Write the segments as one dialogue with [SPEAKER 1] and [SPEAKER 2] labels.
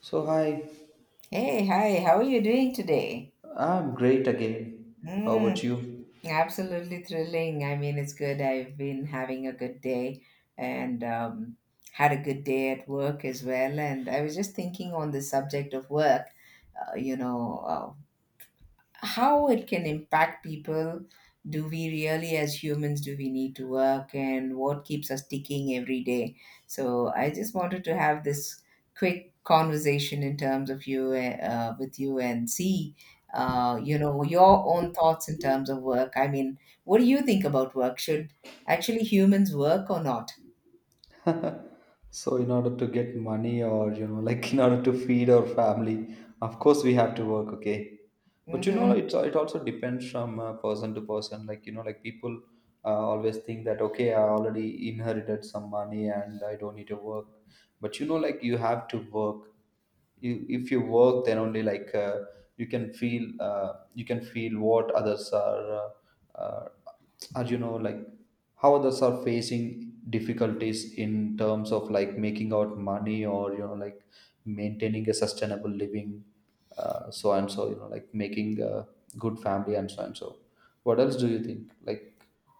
[SPEAKER 1] So, hi,
[SPEAKER 2] Hey, hi, how are you doing today?
[SPEAKER 1] I'm great again. How about
[SPEAKER 2] Mm,
[SPEAKER 1] you?
[SPEAKER 2] absolutely thrilling. I mean, it's good. I've been having a good day and had a good day at work as well. And I was just thinking on the subject of work, uh, you know, uh, how it can impact people. Do we really as humans, do we need to work, and what keeps us ticking every day? So I just wanted to have this quick conversation in terms of with you and see you know your own thoughts in terms of work. I mean, what do you think about work? Should actually humans work or not?
[SPEAKER 1] So, in order to get money or, you know, like in order to feed our family, of course we have to work, okay? But, you know,
[SPEAKER 2] Hmm.
[SPEAKER 1] it also depends from person to person. Like, you know, like people always think that, okay, I already inherited some money and I don't need to work. But, you know, like you have to work. If you work then only like you can feel what others are uh, uh, you know like how others are facing difficulties in terms of like making out money or you know like maintaining a sustainable living. So and so, you know, like making a good family and so and so. What else do you think, like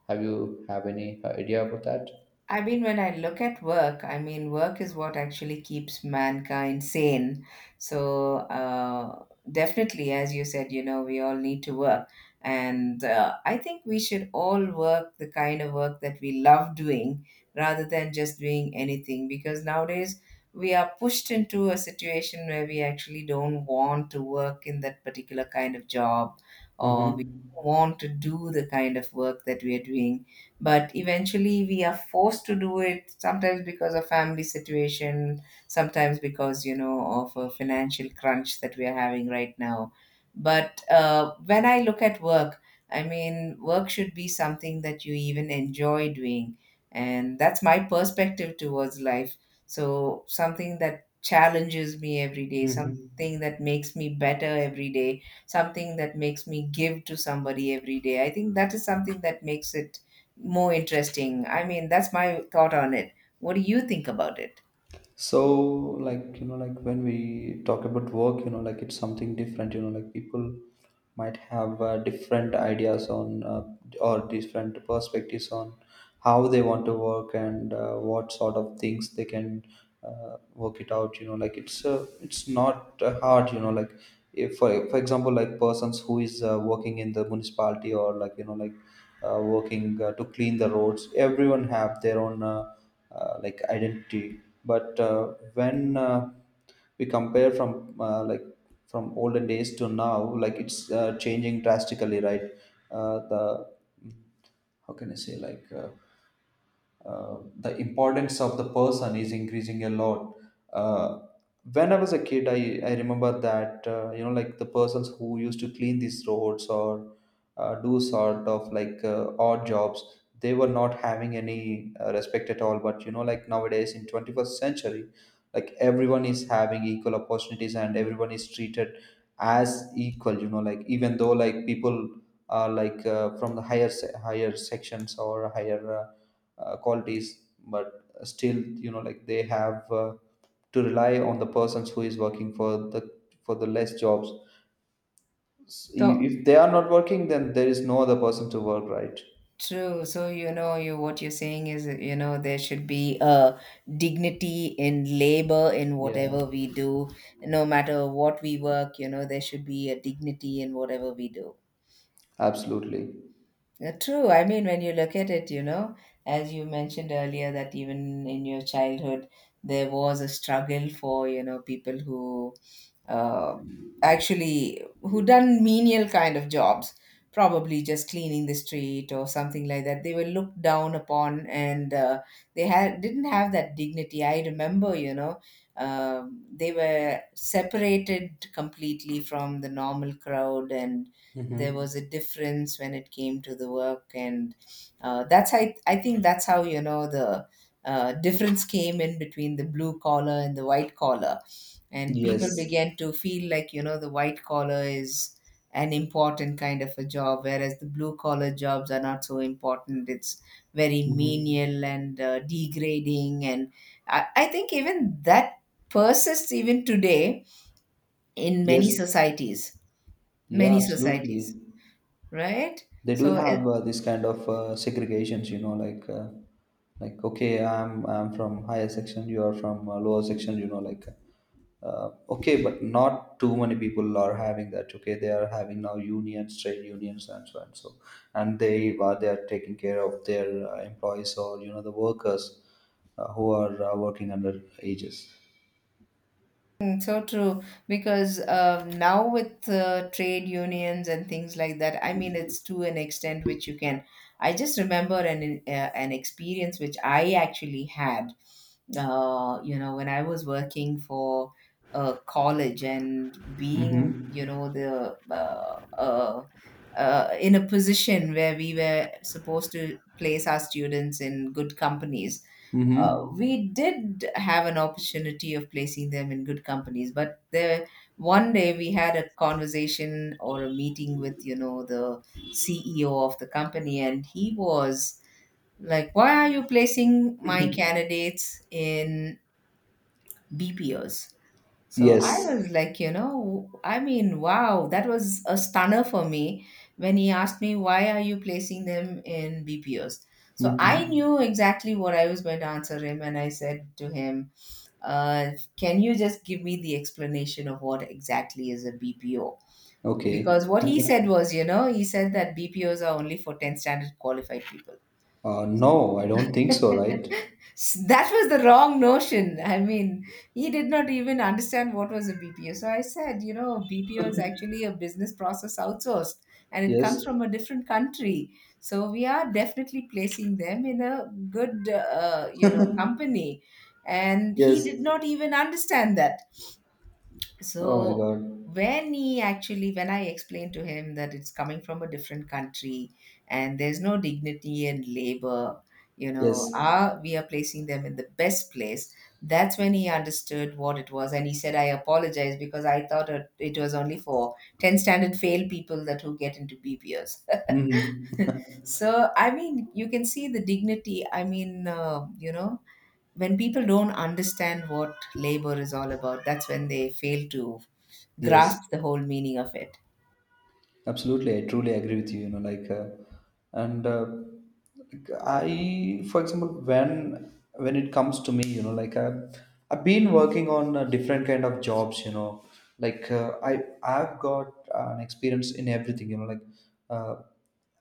[SPEAKER 1] have you have any idea about that?
[SPEAKER 2] I mean, when I look at work, I mean, work is what actually keeps mankind sane. So, definitely, as you said, you know, we all need to work. And I think we should all work the kind of work that we love doing rather than just doing anything, because nowadays we are pushed into a situation where we actually don't want to work in that particular kind of job, or we don't
[SPEAKER 1] Mm-hmm.
[SPEAKER 2] want to do the kind of work that we are doing, but eventually we are forced to do it sometimes because of family situation, sometimes because you know of a financial crunch that we are having right now. But when I look at work, I mean work should be something that you even enjoy doing, and that's my perspective towards life. So something that challenges me every day,
[SPEAKER 1] Mm-hmm.
[SPEAKER 2] something that makes me better every day, something that makes me give to somebody every day, I think that is something that makes it more interesting. I mean, that's my thought on it. What do you think about it?
[SPEAKER 1] So like you know like when we talk about work, you know, like it's something different. You know, like people might have different ideas on or different perspectives on how they want to work, and what sort of things they can work it out. You know, like it's not hard. You know, like if for example like persons who is working in the municipality or like you know like working to clean the roads, everyone have their own like identity, but when we compare from like from olden days to now, like it's changing drastically, right? The How can I say, like the importance of the person is increasing a lot. Uh, when I was a kid, I remember that, you know, like the persons who used to clean these roads or do sort of like odd jobs, they were not having any respect at all. But, you know, like nowadays in 21st century, like everyone is having equal opportunities and everyone is treated as equal, you know, like even though like people are like from the higher sections or higher qualities, but still you know like they have to rely on the persons who is working for the less jobs.
[SPEAKER 2] So
[SPEAKER 1] If they are not working then there is no other person to work, right?
[SPEAKER 2] true. So you know, you what you're saying is, you know, there should be a dignity in labor in
[SPEAKER 1] Yeah,
[SPEAKER 2] whatever we do, no matter what we work. You know, there should be a dignity in whatever we do.
[SPEAKER 1] absolutely.
[SPEAKER 2] True. I mean, when you look at it, you know, as you mentioned earlier, that even in your childhood, there was a struggle for, you know, people who uh, actually who done menial kind of jobs, probably just cleaning the street or something like that. They were looked down upon, and they had didn't have that dignity. I remember, you know, they were separated completely from the normal crowd, and there was
[SPEAKER 1] Mm-hmm.
[SPEAKER 2] a difference when it came to the work. And that's how I think that's how you know the difference came in between the blue collar and the white collar, and people
[SPEAKER 1] Yes.
[SPEAKER 2] began to feel like you know the white collar is an important kind of a job, whereas the blue collar jobs are not so important. It's very
[SPEAKER 1] Mm-hmm.
[SPEAKER 2] menial and degrading. And I think even that persists even today in many
[SPEAKER 1] Yes,
[SPEAKER 2] societies,
[SPEAKER 1] yeah,
[SPEAKER 2] many societies,
[SPEAKER 1] absolutely.
[SPEAKER 2] right?
[SPEAKER 1] They do
[SPEAKER 2] So
[SPEAKER 1] have
[SPEAKER 2] it,
[SPEAKER 1] this kind of segregations, you know, like okay, I'm from higher section, you are from lower section, you know, like okay, but not too many people are having that. Okay, they are having now unions, trade unions and so and so, and they are taking care of their employees or you know the workers who are working under ages.
[SPEAKER 2] mm, so true, because now with trade unions and things like that, I mean, it's to an extent which you can. I just remember an experience which I actually had. You know, when I was working for college and being,
[SPEAKER 1] Mm-hmm.
[SPEAKER 2] you know, the in a position where we were supposed to place our students in good companies,
[SPEAKER 1] Mm-hmm.
[SPEAKER 2] we did have an opportunity of placing them in good companies. But there one day we had a conversation or a meeting with you know the CEO of the company, and he was like, why are you placing my candidates in BPOs? So I
[SPEAKER 1] Yes.
[SPEAKER 2] was like, you know, I mean, wow, that was a stunner for me when he asked me, why are you placing them in BPOs? So I
[SPEAKER 1] Mm-hmm.
[SPEAKER 2] knew exactly what I was going to answer him, and I said to him, can you just give me the explanation of what exactly is a BPO?
[SPEAKER 1] Okay.
[SPEAKER 2] Because what he said was, you know, he said that BPOs are only for 10 standard qualified people.
[SPEAKER 1] No, I don't think so, right?
[SPEAKER 2] That was the wrong notion. I mean, he did not even understand what was a BPO. So I said, you know, BPO is actually a business process outsourced, and it
[SPEAKER 1] Yes.
[SPEAKER 2] comes from a different country. So we are definitely placing them in a good, you know, company. And he
[SPEAKER 1] Yes.
[SPEAKER 2] did not even understand that.
[SPEAKER 1] Oh my
[SPEAKER 2] So
[SPEAKER 1] god.
[SPEAKER 2] when he actually, when I explained to him that it's coming from a different country, and there's no dignity in labor, you know,
[SPEAKER 1] Yes.
[SPEAKER 2] are we are placing them in the best place? That's when he understood what it was, and he said, "I apologize because I thought it was only for 10 standard fail people that who get into BPOs."
[SPEAKER 1] Mm-hmm.
[SPEAKER 2] So I mean, you can see the dignity. I mean, you know, when people don't understand what labor is all about, that's when they fail to
[SPEAKER 1] Yes.
[SPEAKER 2] grasp the whole meaning of it.
[SPEAKER 1] Absolutely, I truly agree with you. You know, like, and like, I, for example, when it comes to me, you know, like I, I've been working on different kind of jobs. You know, like I've got an experience in everything. You know, like uh,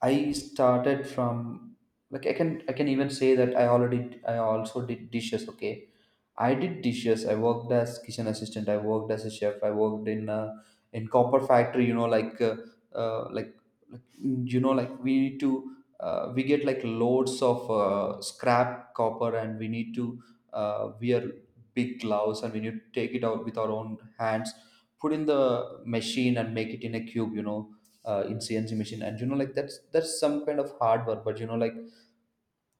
[SPEAKER 1] I started from, like, I can even say that I already I also did dishes. Okay, I did dishes. I worked as kitchen assistant. I worked as a chef. I worked in copper factory. You know, like. Uh, like like you know like we need to we get like loads of scrap copper and we need to wear big gloves and we need to take it out with our own hands, put in the machine and make it in a cube, you know, in CNC machine. And you know like that's some kind of hard work, but you know like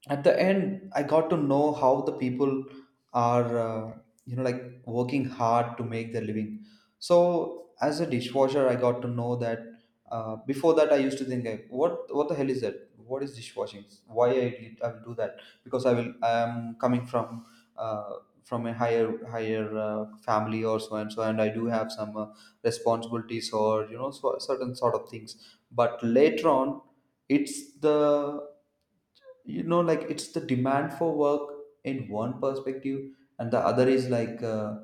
[SPEAKER 1] at the end I got to know how the people are you know like working hard to make their living. So as a dishwasher I got to know that before that I used to think like, what the hell is that, what is dishwashing, why I will do that, because I am coming uh, from a higher higher family or so and so, and I do have some responsibilities or you know, so, certain sort of things. But later on, it's the, you know, like it's the demand for work in one perspective, and the other is like uh,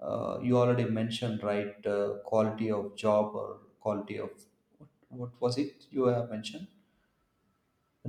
[SPEAKER 1] uh, you already mentioned, right? Quality of job or quality of, what was it you have mentioned,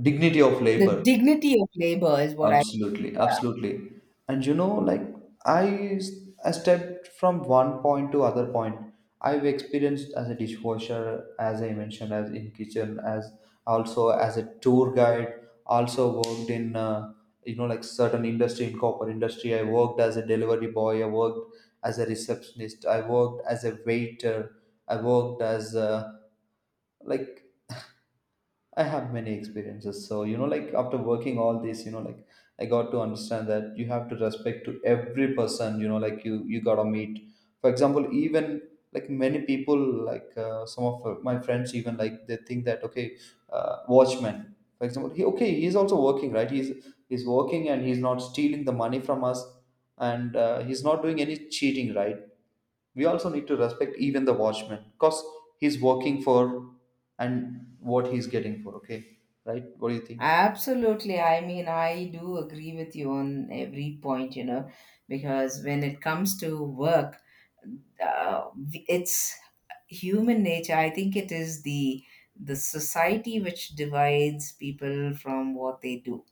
[SPEAKER 1] dignity of
[SPEAKER 2] The
[SPEAKER 1] labor.
[SPEAKER 2] dignity of labor is what I
[SPEAKER 1] Absolutely, absolutely. And you know, like I, I stepped from one point to other point. I've experienced as a dishwasher, as I mentioned, as in kitchen, as also as a tour guide. Also worked in, you know, like certain industry, in copper industry. I worked as a delivery boy. I worked as a receptionist. I worked as a waiter. I worked as a, like, I have many experiences. So, you know, like after working all this, you know, like I got to understand that you have to respect to every person, you know, like you got to meet. For example, even like many people, like some of my friends, even like they think that, okay, watchman, for example, he, okay, he's also working, right? He's working and he's not stealing the money from us, and he's not doing any cheating, right? We also need to respect even the watchman, because he's working for, and what he's getting for, okay, right? What do you think?
[SPEAKER 2] absolutely, I mean, I do agree with you on every point, you know, because when it comes to work, uh, it's human nature. I think it is the society which divides people from what they do,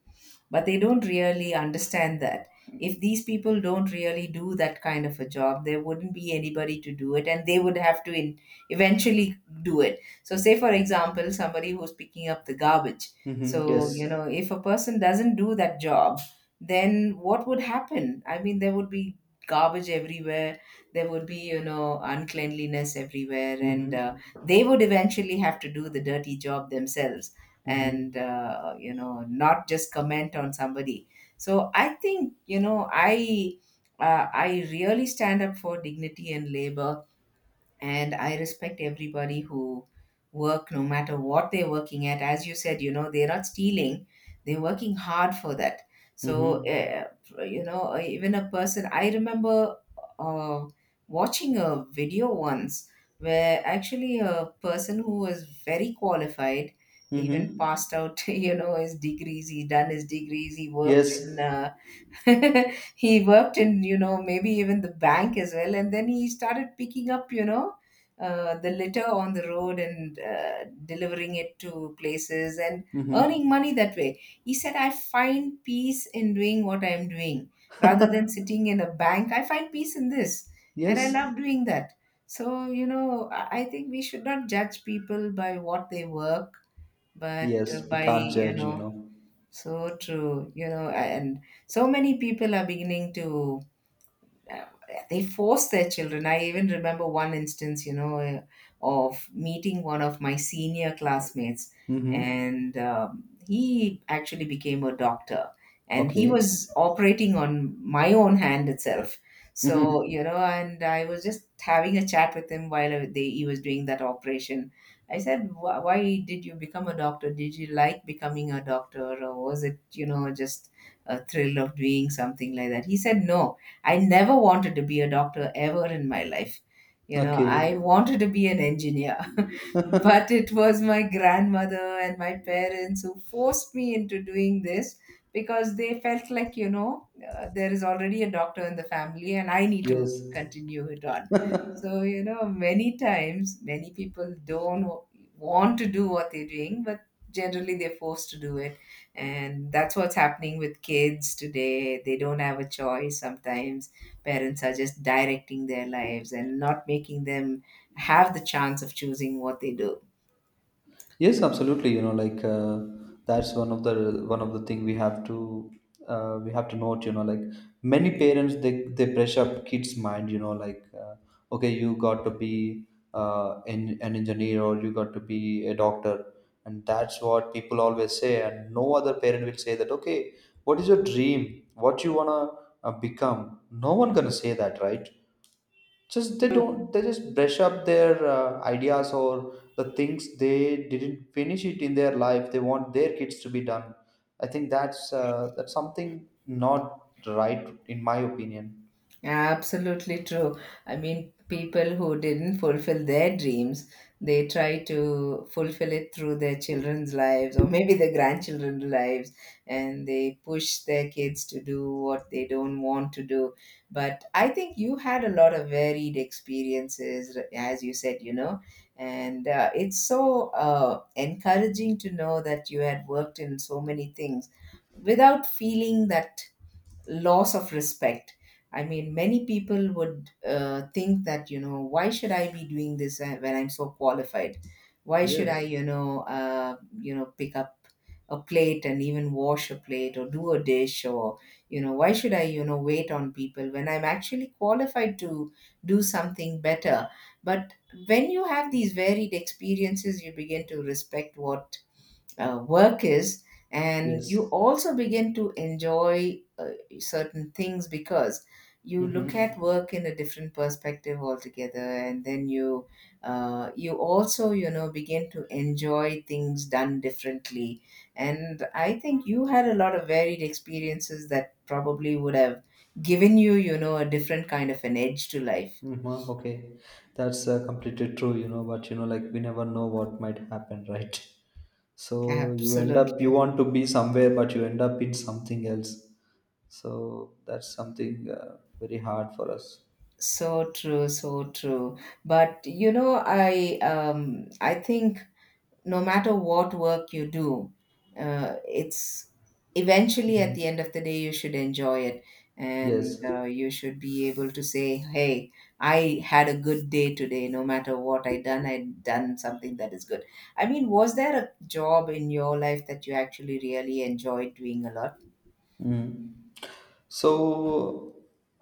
[SPEAKER 2] but they don't really understand that if these people don't really do that kind of a job, there wouldn't be anybody to do it, and they would have to eventually do it. So say for example somebody who's picking up the garbage.
[SPEAKER 1] Mm-hmm.
[SPEAKER 2] So you
[SPEAKER 1] Yes.
[SPEAKER 2] know, if a person doesn't do that job, then what would happen? I mean, there would be garbage everywhere, there would be you know uncleanliness everywhere, and
[SPEAKER 1] Mm-hmm.
[SPEAKER 2] they would eventually have to do the dirty job themselves, and
[SPEAKER 1] Mm-hmm.
[SPEAKER 2] you know not just comment on somebody. So I think, you know, I really stand up for dignity and labor, and I respect everybody who work, no matter what they're working at. As you said, you know, they're not stealing, they're working hard for that. So
[SPEAKER 1] Mm-hmm.
[SPEAKER 2] you know, even a person, I remember uh, watching a video once where actually a person who was very qualified even
[SPEAKER 1] Mm-hmm.
[SPEAKER 2] passed out you know his degrees, he done his degrees. He worked in
[SPEAKER 1] Yes.
[SPEAKER 2] he worked in you know maybe even the bank as well, and then he started picking up you know the litter on the road and delivering it to places and earning
[SPEAKER 1] Mm-hmm.
[SPEAKER 2] money that way. He said, I find peace in doing what I am doing, rather than sitting in a bank. I find peace in this, and I
[SPEAKER 1] Yes.
[SPEAKER 2] love doing that. So you know, I think we should not judge people by what they work, but
[SPEAKER 1] Yes, we
[SPEAKER 2] by
[SPEAKER 1] can't
[SPEAKER 2] you
[SPEAKER 1] judge, you
[SPEAKER 2] know.
[SPEAKER 1] know.
[SPEAKER 2] So true, you know, and so many people are beginning to uh, they force their children. I even remember one instance, you know, of meeting one of my senior classmates,
[SPEAKER 1] Mm-hmm.
[SPEAKER 2] and he actually became a doctor, and he
[SPEAKER 1] Okay.
[SPEAKER 2] was operating on my own hand itself.
[SPEAKER 1] Mm-hmm.
[SPEAKER 2] So you know, and I was just having a chat with him while he was doing that operation. I said, "Why did you become a doctor? Did you like becoming a doctor, or was it, you know, just a thrill of doing something like that?" He said, "No. I never wanted to be a doctor ever in my life. You know,
[SPEAKER 1] Okay.
[SPEAKER 2] I wanted to be an engineer, but it was my grandmother and my parents who forced me into doing this because they felt like, you know, there is already a doctor in the family and I need to
[SPEAKER 1] Yes.
[SPEAKER 2] continue it on." So, you know, many times, many people don't want to do what they're doing, but generally they're forced to do it, and that's what's happening with kids today. They don't have a choice sometimes. Parents are just directing their lives and not making them have the chance of choosing what they do.
[SPEAKER 1] Yes, absolutely. You know, like that's one of the thing we have to note. You know, like many parents they pressure up kids' mind. You know, like okay, you got to be an engineer, or you got to be a doctor, and that's what people always say. And no other parent will say that. Okay, what is your dream? What you wanna become? No one gonna say that, right? Just they don't, they just brush up their ideas, or the things they didn't finish it in their life they want their kids to be done. I think that's something not right, in my opinion.
[SPEAKER 2] Absolutely true. I mean, people who didn't fulfill their dreams, they try to fulfill it through their children's lives or maybe their grandchildren's lives, and they push their kids to do what they don't want to do. But I think you had a lot of varied experiences, as you said, you know, and it's so encouraging to know that you had worked in so many things without feeling that loss of respect. I mean, many people would think that, you know, why should I be doing this when I'm so qualified? Why should I,
[SPEAKER 1] Yes.
[SPEAKER 2] you know, pick up a plate and even wash a plate or do a dish, or, you know, why should I, you know, wait on people when I'm actually qualified to do something better? But when you have these varied experiences, you begin to respect what work is, and you
[SPEAKER 1] Yes.
[SPEAKER 2] also begin to enjoy certain things because you look at
[SPEAKER 1] Mm-hmm.
[SPEAKER 2] work in a different perspective altogether. And then you you also, you know, begin to enjoy things done differently. And I think you had a lot of varied experiences that probably would have given you, you know, a different kind of an edge to life.
[SPEAKER 1] Mm-hmm. Okay, that's completely true, you know, but you know like we never know what might happen right? So you end up, you
[SPEAKER 2] Absolutely.
[SPEAKER 1] want to be somewhere but you end up in something else. So that's something very hard for us.
[SPEAKER 2] So true, so true. But you know, I think no matter what work you do, it's eventually, at
[SPEAKER 1] Mhm.
[SPEAKER 2] the end of the day, you should enjoy it, and
[SPEAKER 1] Yes.
[SPEAKER 2] you should be able to say, "Hey, I had a good day today. No matter what I done something that is good." I mean, was there a job in your life that you actually really enjoyed doing a lot?
[SPEAKER 1] Mm. So,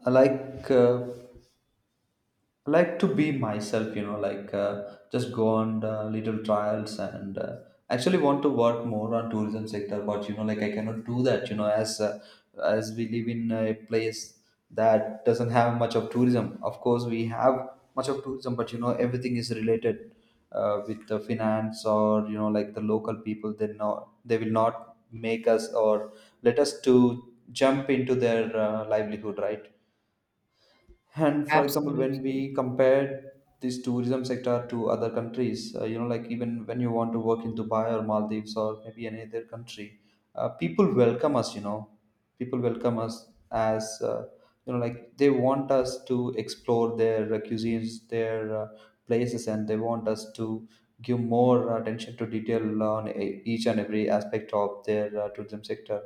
[SPEAKER 1] I like. Like to be myself, you know, like just go on little trials and actually want to work more on tourism sector, but you know like I cannot do that, you know, as we live in a place that doesn't have much of tourism. Of course we have much of tourism, but you know everything is related with the finance, or you know like the local people, they not, they will not make us or let us to jump into their livelihood, right? And for example, when
[SPEAKER 2] Absolutely
[SPEAKER 1] we compare this tourism sector to other countries, you know, like even when you want to work in Dubai or Maldives or maybe any other country, people welcome us, you know, people welcome us as, you know, like they want us to explore their cuisines, their places, and they want us to give more attention to detail on each and every aspect of their tourism sector.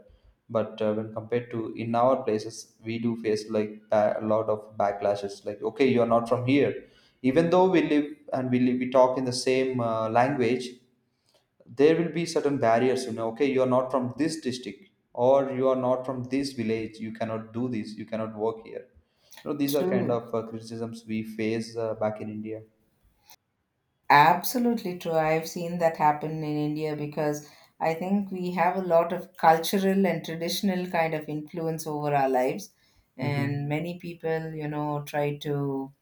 [SPEAKER 1] But when compared to in our places we do face like a lot of backlashes, like okay you're not from here, even though we live, we talk in the same language. There will be certain barriers, you know, okay you are not from this district, or you are not from this village, you cannot do this, you cannot work here, you know, these are kind
[SPEAKER 2] true.
[SPEAKER 1] of criticisms we face back in India.
[SPEAKER 2] Absolutely true. I've seen that happen in India because I think we have a lot of cultural and traditional kind of influence over our lives. And
[SPEAKER 1] Mm-hmm.
[SPEAKER 2] many people, you know, try to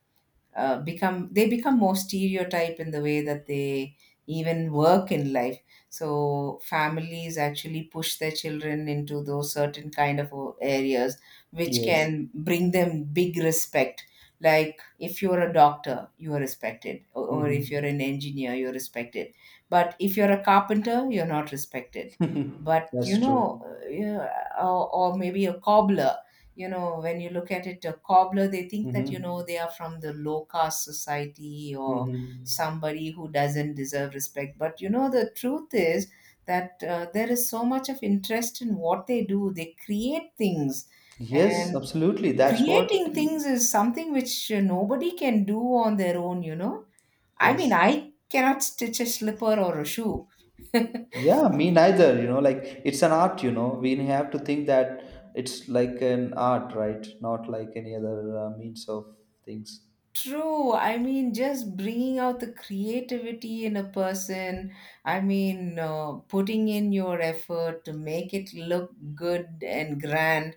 [SPEAKER 2] become more stereotype in the way that they even work in life. So families actually push their children into those certain kind of areas which
[SPEAKER 1] Yes.
[SPEAKER 2] can bring them big respect. Like if you're a doctor, you are respected, or if you're
[SPEAKER 1] Mm-hmm.
[SPEAKER 2] an engineer, you're respected, but if you're a carpenter, you're not respected. But you
[SPEAKER 1] That's true.
[SPEAKER 2] know, yeah, or maybe a cobbler. You know, when you look at it, a cobbler, they think that, you know, they
[SPEAKER 1] Mm-hmm.
[SPEAKER 2] are from the low caste society or
[SPEAKER 1] Mm-hmm.
[SPEAKER 2] somebody who doesn't deserve respect. But, you know, the truth is that there is so much of interest in what they do. They create things.
[SPEAKER 1] Yes,
[SPEAKER 2] And
[SPEAKER 1] absolutely. That's what.
[SPEAKER 2] creating things is something which nobody can do on their own, you know. I mean,
[SPEAKER 1] Yes.
[SPEAKER 2] I cannot stitch a slipper or a shoe.
[SPEAKER 1] Yeah, me neither. You know, like it's an art, you know. We have to think that it's like an art, right? Not like any other means of things.
[SPEAKER 2] True. I mean, just bringing out the creativity in a person. I mean, putting in your effort to make it look good and grand.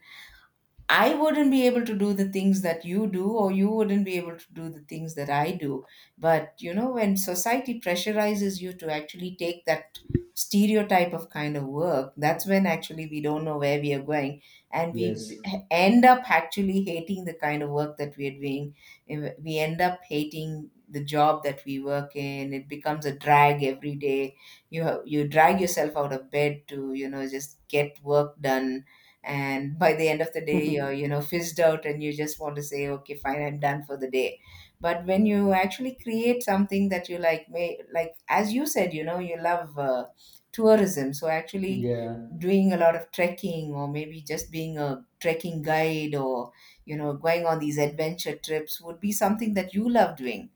[SPEAKER 2] I wouldn't be able to do the things that you do, or you wouldn't be able to do the things that I do. But you know, when society pressurizes you to actually take that stereotype of kind of work, that's when actually we don't know where we are going, and
[SPEAKER 1] Yes.
[SPEAKER 2] end up actually hating the kind of work that we are doing. We end up hating the job that we work in. It becomes a drag every day. You drag yourself out of bed to, you know, just get work done, and by the end of the day you're, you know, fizzed out, and you just want to say, okay, fine, I'm done for the day. But when you actually create something that you like, may like, as you said, you know, you love tourism, so actually
[SPEAKER 1] Yeah.
[SPEAKER 2] doing a lot of trekking or maybe just being a trekking guide, or you know, going on these adventure trips would be something that you love doing.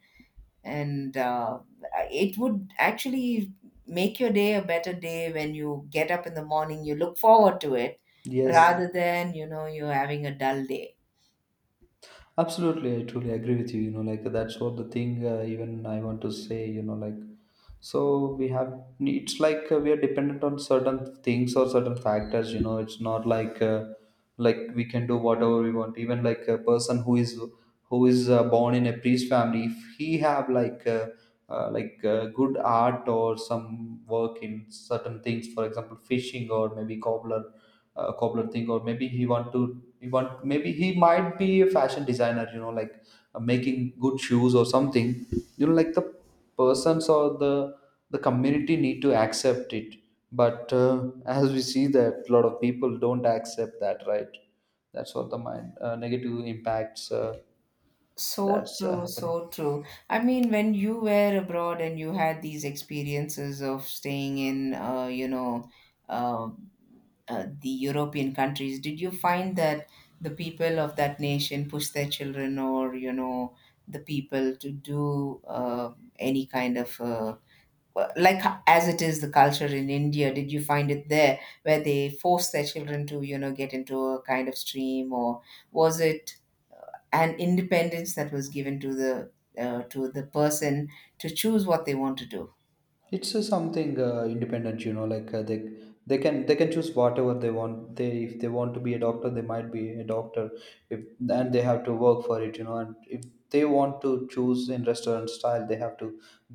[SPEAKER 2] And it would actually make your day a better day. When you get up in the morning, you look forward to it,
[SPEAKER 1] Yes.
[SPEAKER 2] rather than, you know, you're having a dull day.
[SPEAKER 1] Absolutely. I truly agree with you. You know, like that's what the thing, even I want to say, you know, like so we have it's like we are dependent on certain things or certain factors, you know. It's not like, like we can do whatever we want. Even like a person who is born in a priest family, if he have like good art or some work in certain things, for example fishing or maybe cobbler thing, or maybe he want to he want maybe he might be a fashion designer, you know, like making good shoes or something. You know, like the persons or the community need to accept it. But as we see that a lot of people don't accept that, right? That's what the mind, negative impacts,
[SPEAKER 2] So
[SPEAKER 1] that's
[SPEAKER 2] true,
[SPEAKER 1] happening.
[SPEAKER 2] so true. I mean, when you were abroad and you had these experiences of staying in, you know, uh, the European countries, did you find that the people of that nation push their children or, you know, the people to do any kind of well, like as it is the culture in India, did you find it there where they force their children to, you know, get into a kind of stream, or was it an independence that was given to the person to choose what they want to do?
[SPEAKER 1] It's something independent, you know, like they they can choose whatever they want. They, if they want to be a doctor, they might be a doctor. If and they have to work for it, you know. And if they want to choose in restaurant style, they have to,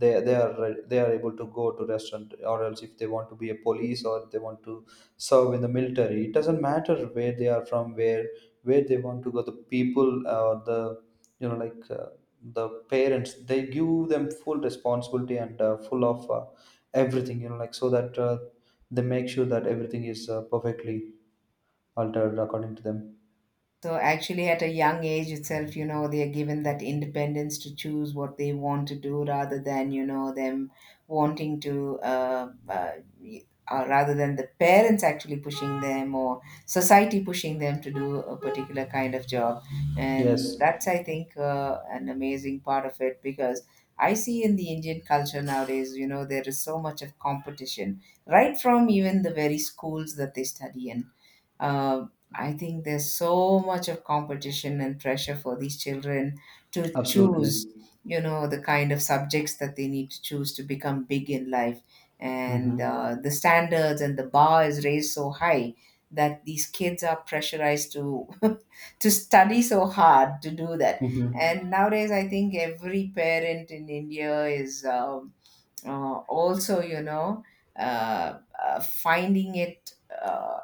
[SPEAKER 1] they are able to go to restaurant. Or else if they want to be a police, or they want to serve in the military, it doesn't matter where they are from, where they want to go. The people, or the you know like the parents, they give them full responsibility and full of everything, you know, like, so that they make sure that everything is perfectly altered according to them.
[SPEAKER 2] So actually, at a young age itself, you know, they are given that independence to choose what they want to do, rather than, you know, them wanting to, y- rather than the parents actually pushing them or society pushing them to do a particular kind of job. And
[SPEAKER 1] Yes,
[SPEAKER 2] that's, I think, an amazing part of it, because I see in the Indian culture nowadays, you know, there is so much of competition, right from even the very schools that they study in. uh, I think there's so much of competition and pressure for these children to
[SPEAKER 1] absolutely.
[SPEAKER 2] choose, you know, the kind of subjects that they need to choose to become big in life. And
[SPEAKER 1] Mm-hmm.
[SPEAKER 2] the standards and the bar is raised so high that these kids are pressurized to to study so hard to do that.
[SPEAKER 1] Mm-hmm.
[SPEAKER 2] And nowadays, I think every parent in India is also, you know, finding it Uh,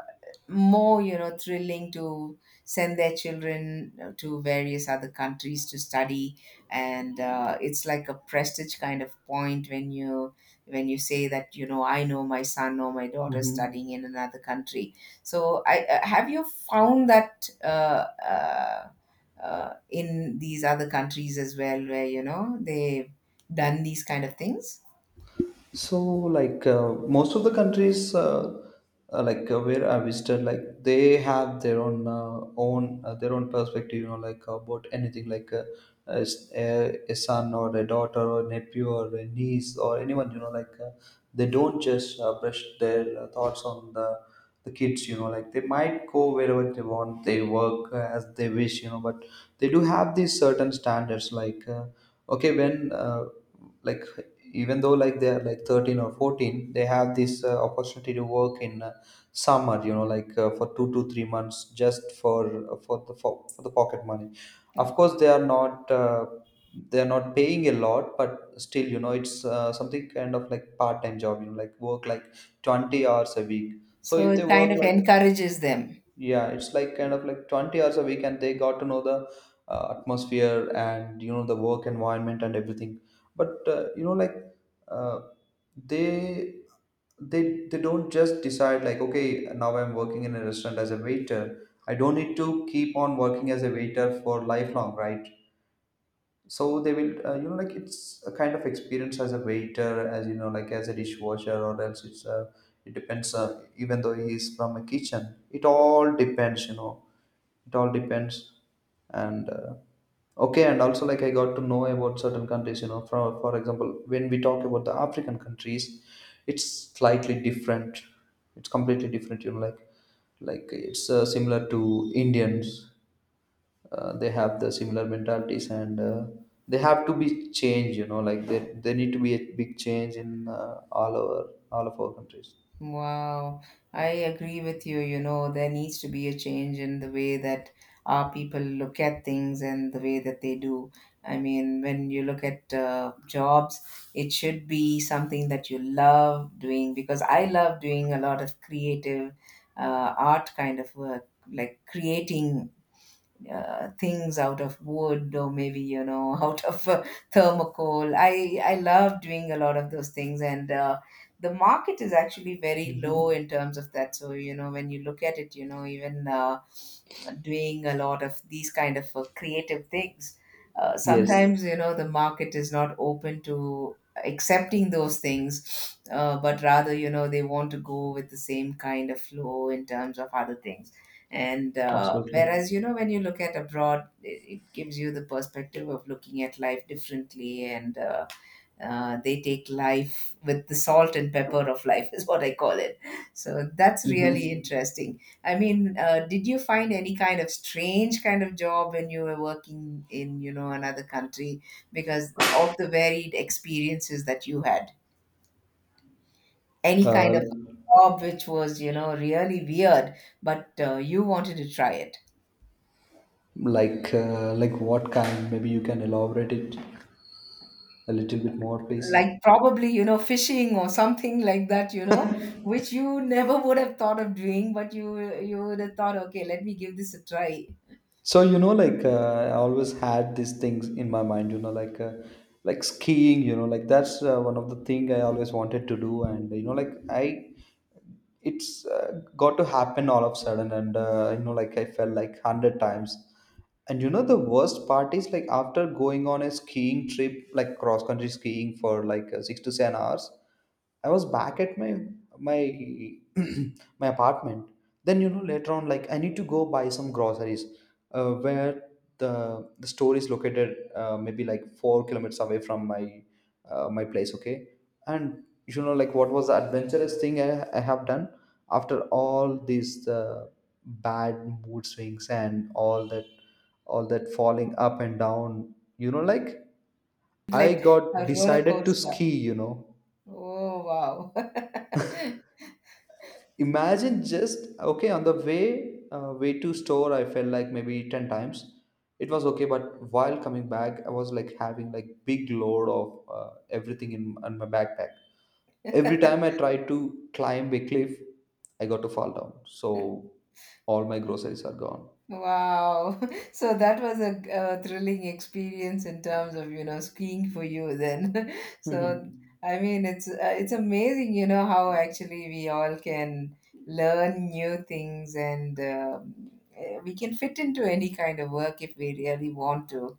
[SPEAKER 2] more, you know, thrilling to send their children to various other countries to study. And it's like a prestige kind of point when you, when you say that, you know, I know my son or my daughter
[SPEAKER 1] Mm-hmm.
[SPEAKER 2] studying in another country. So I, have you found that in these other countries as well, where, you know, they've done these kind of things,
[SPEAKER 1] So, like most of the countries, where I visited, like they have their own perspective, you know, like about anything, like a son or a daughter or nephew or a niece or anyone, you know, like they don't just brush their thoughts on the kids. You know, like they might go wherever they want, they work as they wish, you know. But they do have these certain standards, like okay, when like even though like they are like 13 or 14, they have this opportunity to work in summer, you know, like for 2 to 3 months, just for the pocket money. Of course, they are not paying a lot, but still, you know, it's something kind of like part-time job, you know, like work like 20 hours a week. So
[SPEAKER 2] so
[SPEAKER 1] if they
[SPEAKER 2] it kind
[SPEAKER 1] work
[SPEAKER 2] of
[SPEAKER 1] like,
[SPEAKER 2] encourages them?
[SPEAKER 1] yeah, it's like kind of like 20 hours a week, and they got to know the atmosphere, and you know, the work environment and everything. But you know, like, uh, they they don't just decide like, okay, now I'm working in a restaurant as a waiter, I don't need to keep on working as a waiter for lifelong, right? So they will, you know, like, it's a kind of experience as a waiter, as you know, like, as a dishwasher, or else it's, it depends. Even though he is from a kitchen, it all depends, you know. It all depends. And okay, and also, like, I got to know about certain countries, you know, for example, when we talk about the African countries, it's slightly different. It's completely different, you know, like, it's similar to Indians. They have the similar mentalities, and they have to be changed, you know, like they need to be a big change in, all over, all of our countries.
[SPEAKER 2] Wow, I agree with you. You know, there needs to be a change in the way that our people look at things and the way that they do. I mean, when you look at jobs, it should be something that you love doing, because I love doing a lot of creative art kind of work, like creating things out of wood, or maybe, you know, out of thermocol. I love doing a lot of those things, and the market is actually very low
[SPEAKER 1] Mm-hmm.
[SPEAKER 2] in terms of that. So you know, when you look at it, you know, even doing a lot of these kind of creative things,
[SPEAKER 1] Yes,
[SPEAKER 2] sometimes, you know, the market is not open to accepting those things, but rather, you know, they want to go with the same kind of flow in terms of other things. And
[SPEAKER 1] absolutely.
[SPEAKER 2] whereas, you know, when you look at abroad, it gives you the perspective of looking at life differently, and they take life with the salt and pepper of life, is what I call it. So that's really
[SPEAKER 1] Mm-hmm.
[SPEAKER 2] interesting. I mean, did you find any kind of strange kind of job when you were working in, you know, another country because of the varied experiences that you had? Any kind
[SPEAKER 1] uh,
[SPEAKER 2] of job which was, you know, really weird, but you wanted to try it?
[SPEAKER 1] like what kind, maybe you can elaborate it a little bit more, please.
[SPEAKER 2] Like probably, you know, fishing or something like that, you know, which you never would have thought of doing, but you would have thought, okay, let me give this a try.
[SPEAKER 1] So you know, like I always had these things in my mind. You know, like skiing. You know, like that's one of the thing I always wanted to do. And you know, like it's got to happen all of a sudden. And you know, like I fell like 100 times. And you know, the worst part is like after going on a skiing trip, like cross country skiing for like 6 to 7 hours. I was back at my my apartment. Then you know later on, like I need to go buy some groceries, where the store is located, maybe like 4 kilometers away from my place. Okay, and you know, like what was the adventurous thing I have done after all these bad mood swings and all that falling up and down. You know, like I
[SPEAKER 2] Like
[SPEAKER 1] got
[SPEAKER 2] a roller
[SPEAKER 1] decided to
[SPEAKER 2] coaster.
[SPEAKER 1] ski. You know,
[SPEAKER 2] Oh, wow.
[SPEAKER 1] imagine just, okay, on the way to store, I felt like maybe 10 times. It was okay, but while coming back, I was like having like big load of everything in my backpack. Every time I tried to climb a cliff, I got to fall down, so all my groceries are gone.
[SPEAKER 2] Wow. So that was a, uh, thrilling experience in terms of, you know, skiing for you then. So
[SPEAKER 1] Mhm.
[SPEAKER 2] I mean, it's amazing, you know, how actually we all can learn new things, and we can fit into any kind of work if we really want to,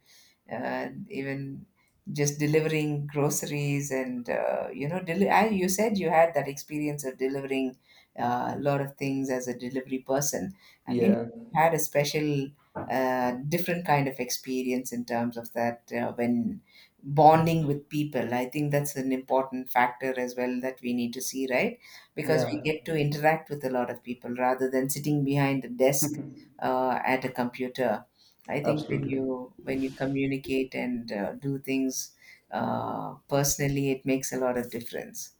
[SPEAKER 2] even just delivering groceries, and you know, I, you said you had that experience of delivering a lot of things as a delivery person. I mean,
[SPEAKER 1] Yeah,
[SPEAKER 2] you had a special different kind of experience in terms of that, when bonding with people. I think that's an important factor as well that we need to see, right? Because we
[SPEAKER 1] yeah.
[SPEAKER 2] get to interact with a lot of people rather than sitting behind a desk at a computer. I think when
[SPEAKER 1] Absolutely.
[SPEAKER 2] you, when you communicate and do things personally, it makes a lot of difference.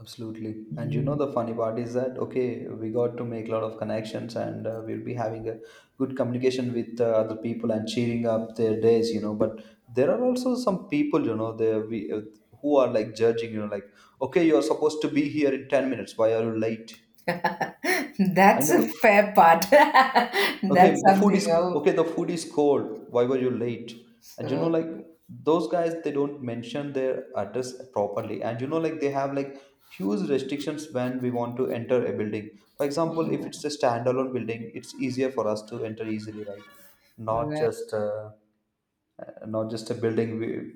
[SPEAKER 1] Absolutely. And you know,
[SPEAKER 2] Mm.
[SPEAKER 1] the funny part is that, okay, we got to make a lot of connections, and we'll be having a good communication with other people and cheering up their days, you know. But there are also some people, you know, who are like judging, you know, like, okay, you're supposed to be here in 10 minutes. Why are you late? And
[SPEAKER 2] That's a
[SPEAKER 1] the
[SPEAKER 2] fair part. That's
[SPEAKER 1] Okay, the food
[SPEAKER 2] something.
[SPEAKER 1] is
[SPEAKER 2] Oh,
[SPEAKER 1] okay. The food is cold. Why were you late? And you know,
[SPEAKER 2] so
[SPEAKER 1] like
[SPEAKER 2] true.
[SPEAKER 1] those guys, they don't mention their address properly. And you know, like they have like huge restrictions when we want to enter a building. For example, if it's
[SPEAKER 2] Oh,
[SPEAKER 1] a standalone building, it's easier for us to enter easily, right? Not
[SPEAKER 2] right.
[SPEAKER 1] just uh, not just a building,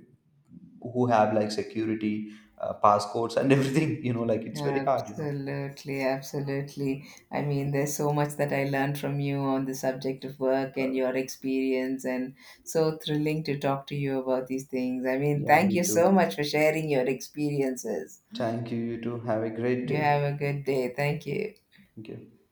[SPEAKER 1] who have like security, passcodes, and everything. You know, like it's very hard. You know.
[SPEAKER 2] Absolutely, absolutely. I mean, there's so much that I learned from you on the subject of work and your experience, and so thrilling to talk to you about these things. I mean,
[SPEAKER 1] Yeah,
[SPEAKER 2] thank you
[SPEAKER 1] me
[SPEAKER 2] so
[SPEAKER 1] too.
[SPEAKER 2] much for sharing your experiences.
[SPEAKER 1] Thank you. You too. Have a great
[SPEAKER 2] You
[SPEAKER 1] day.
[SPEAKER 2] have a good day. Thank you.
[SPEAKER 1] Thank you.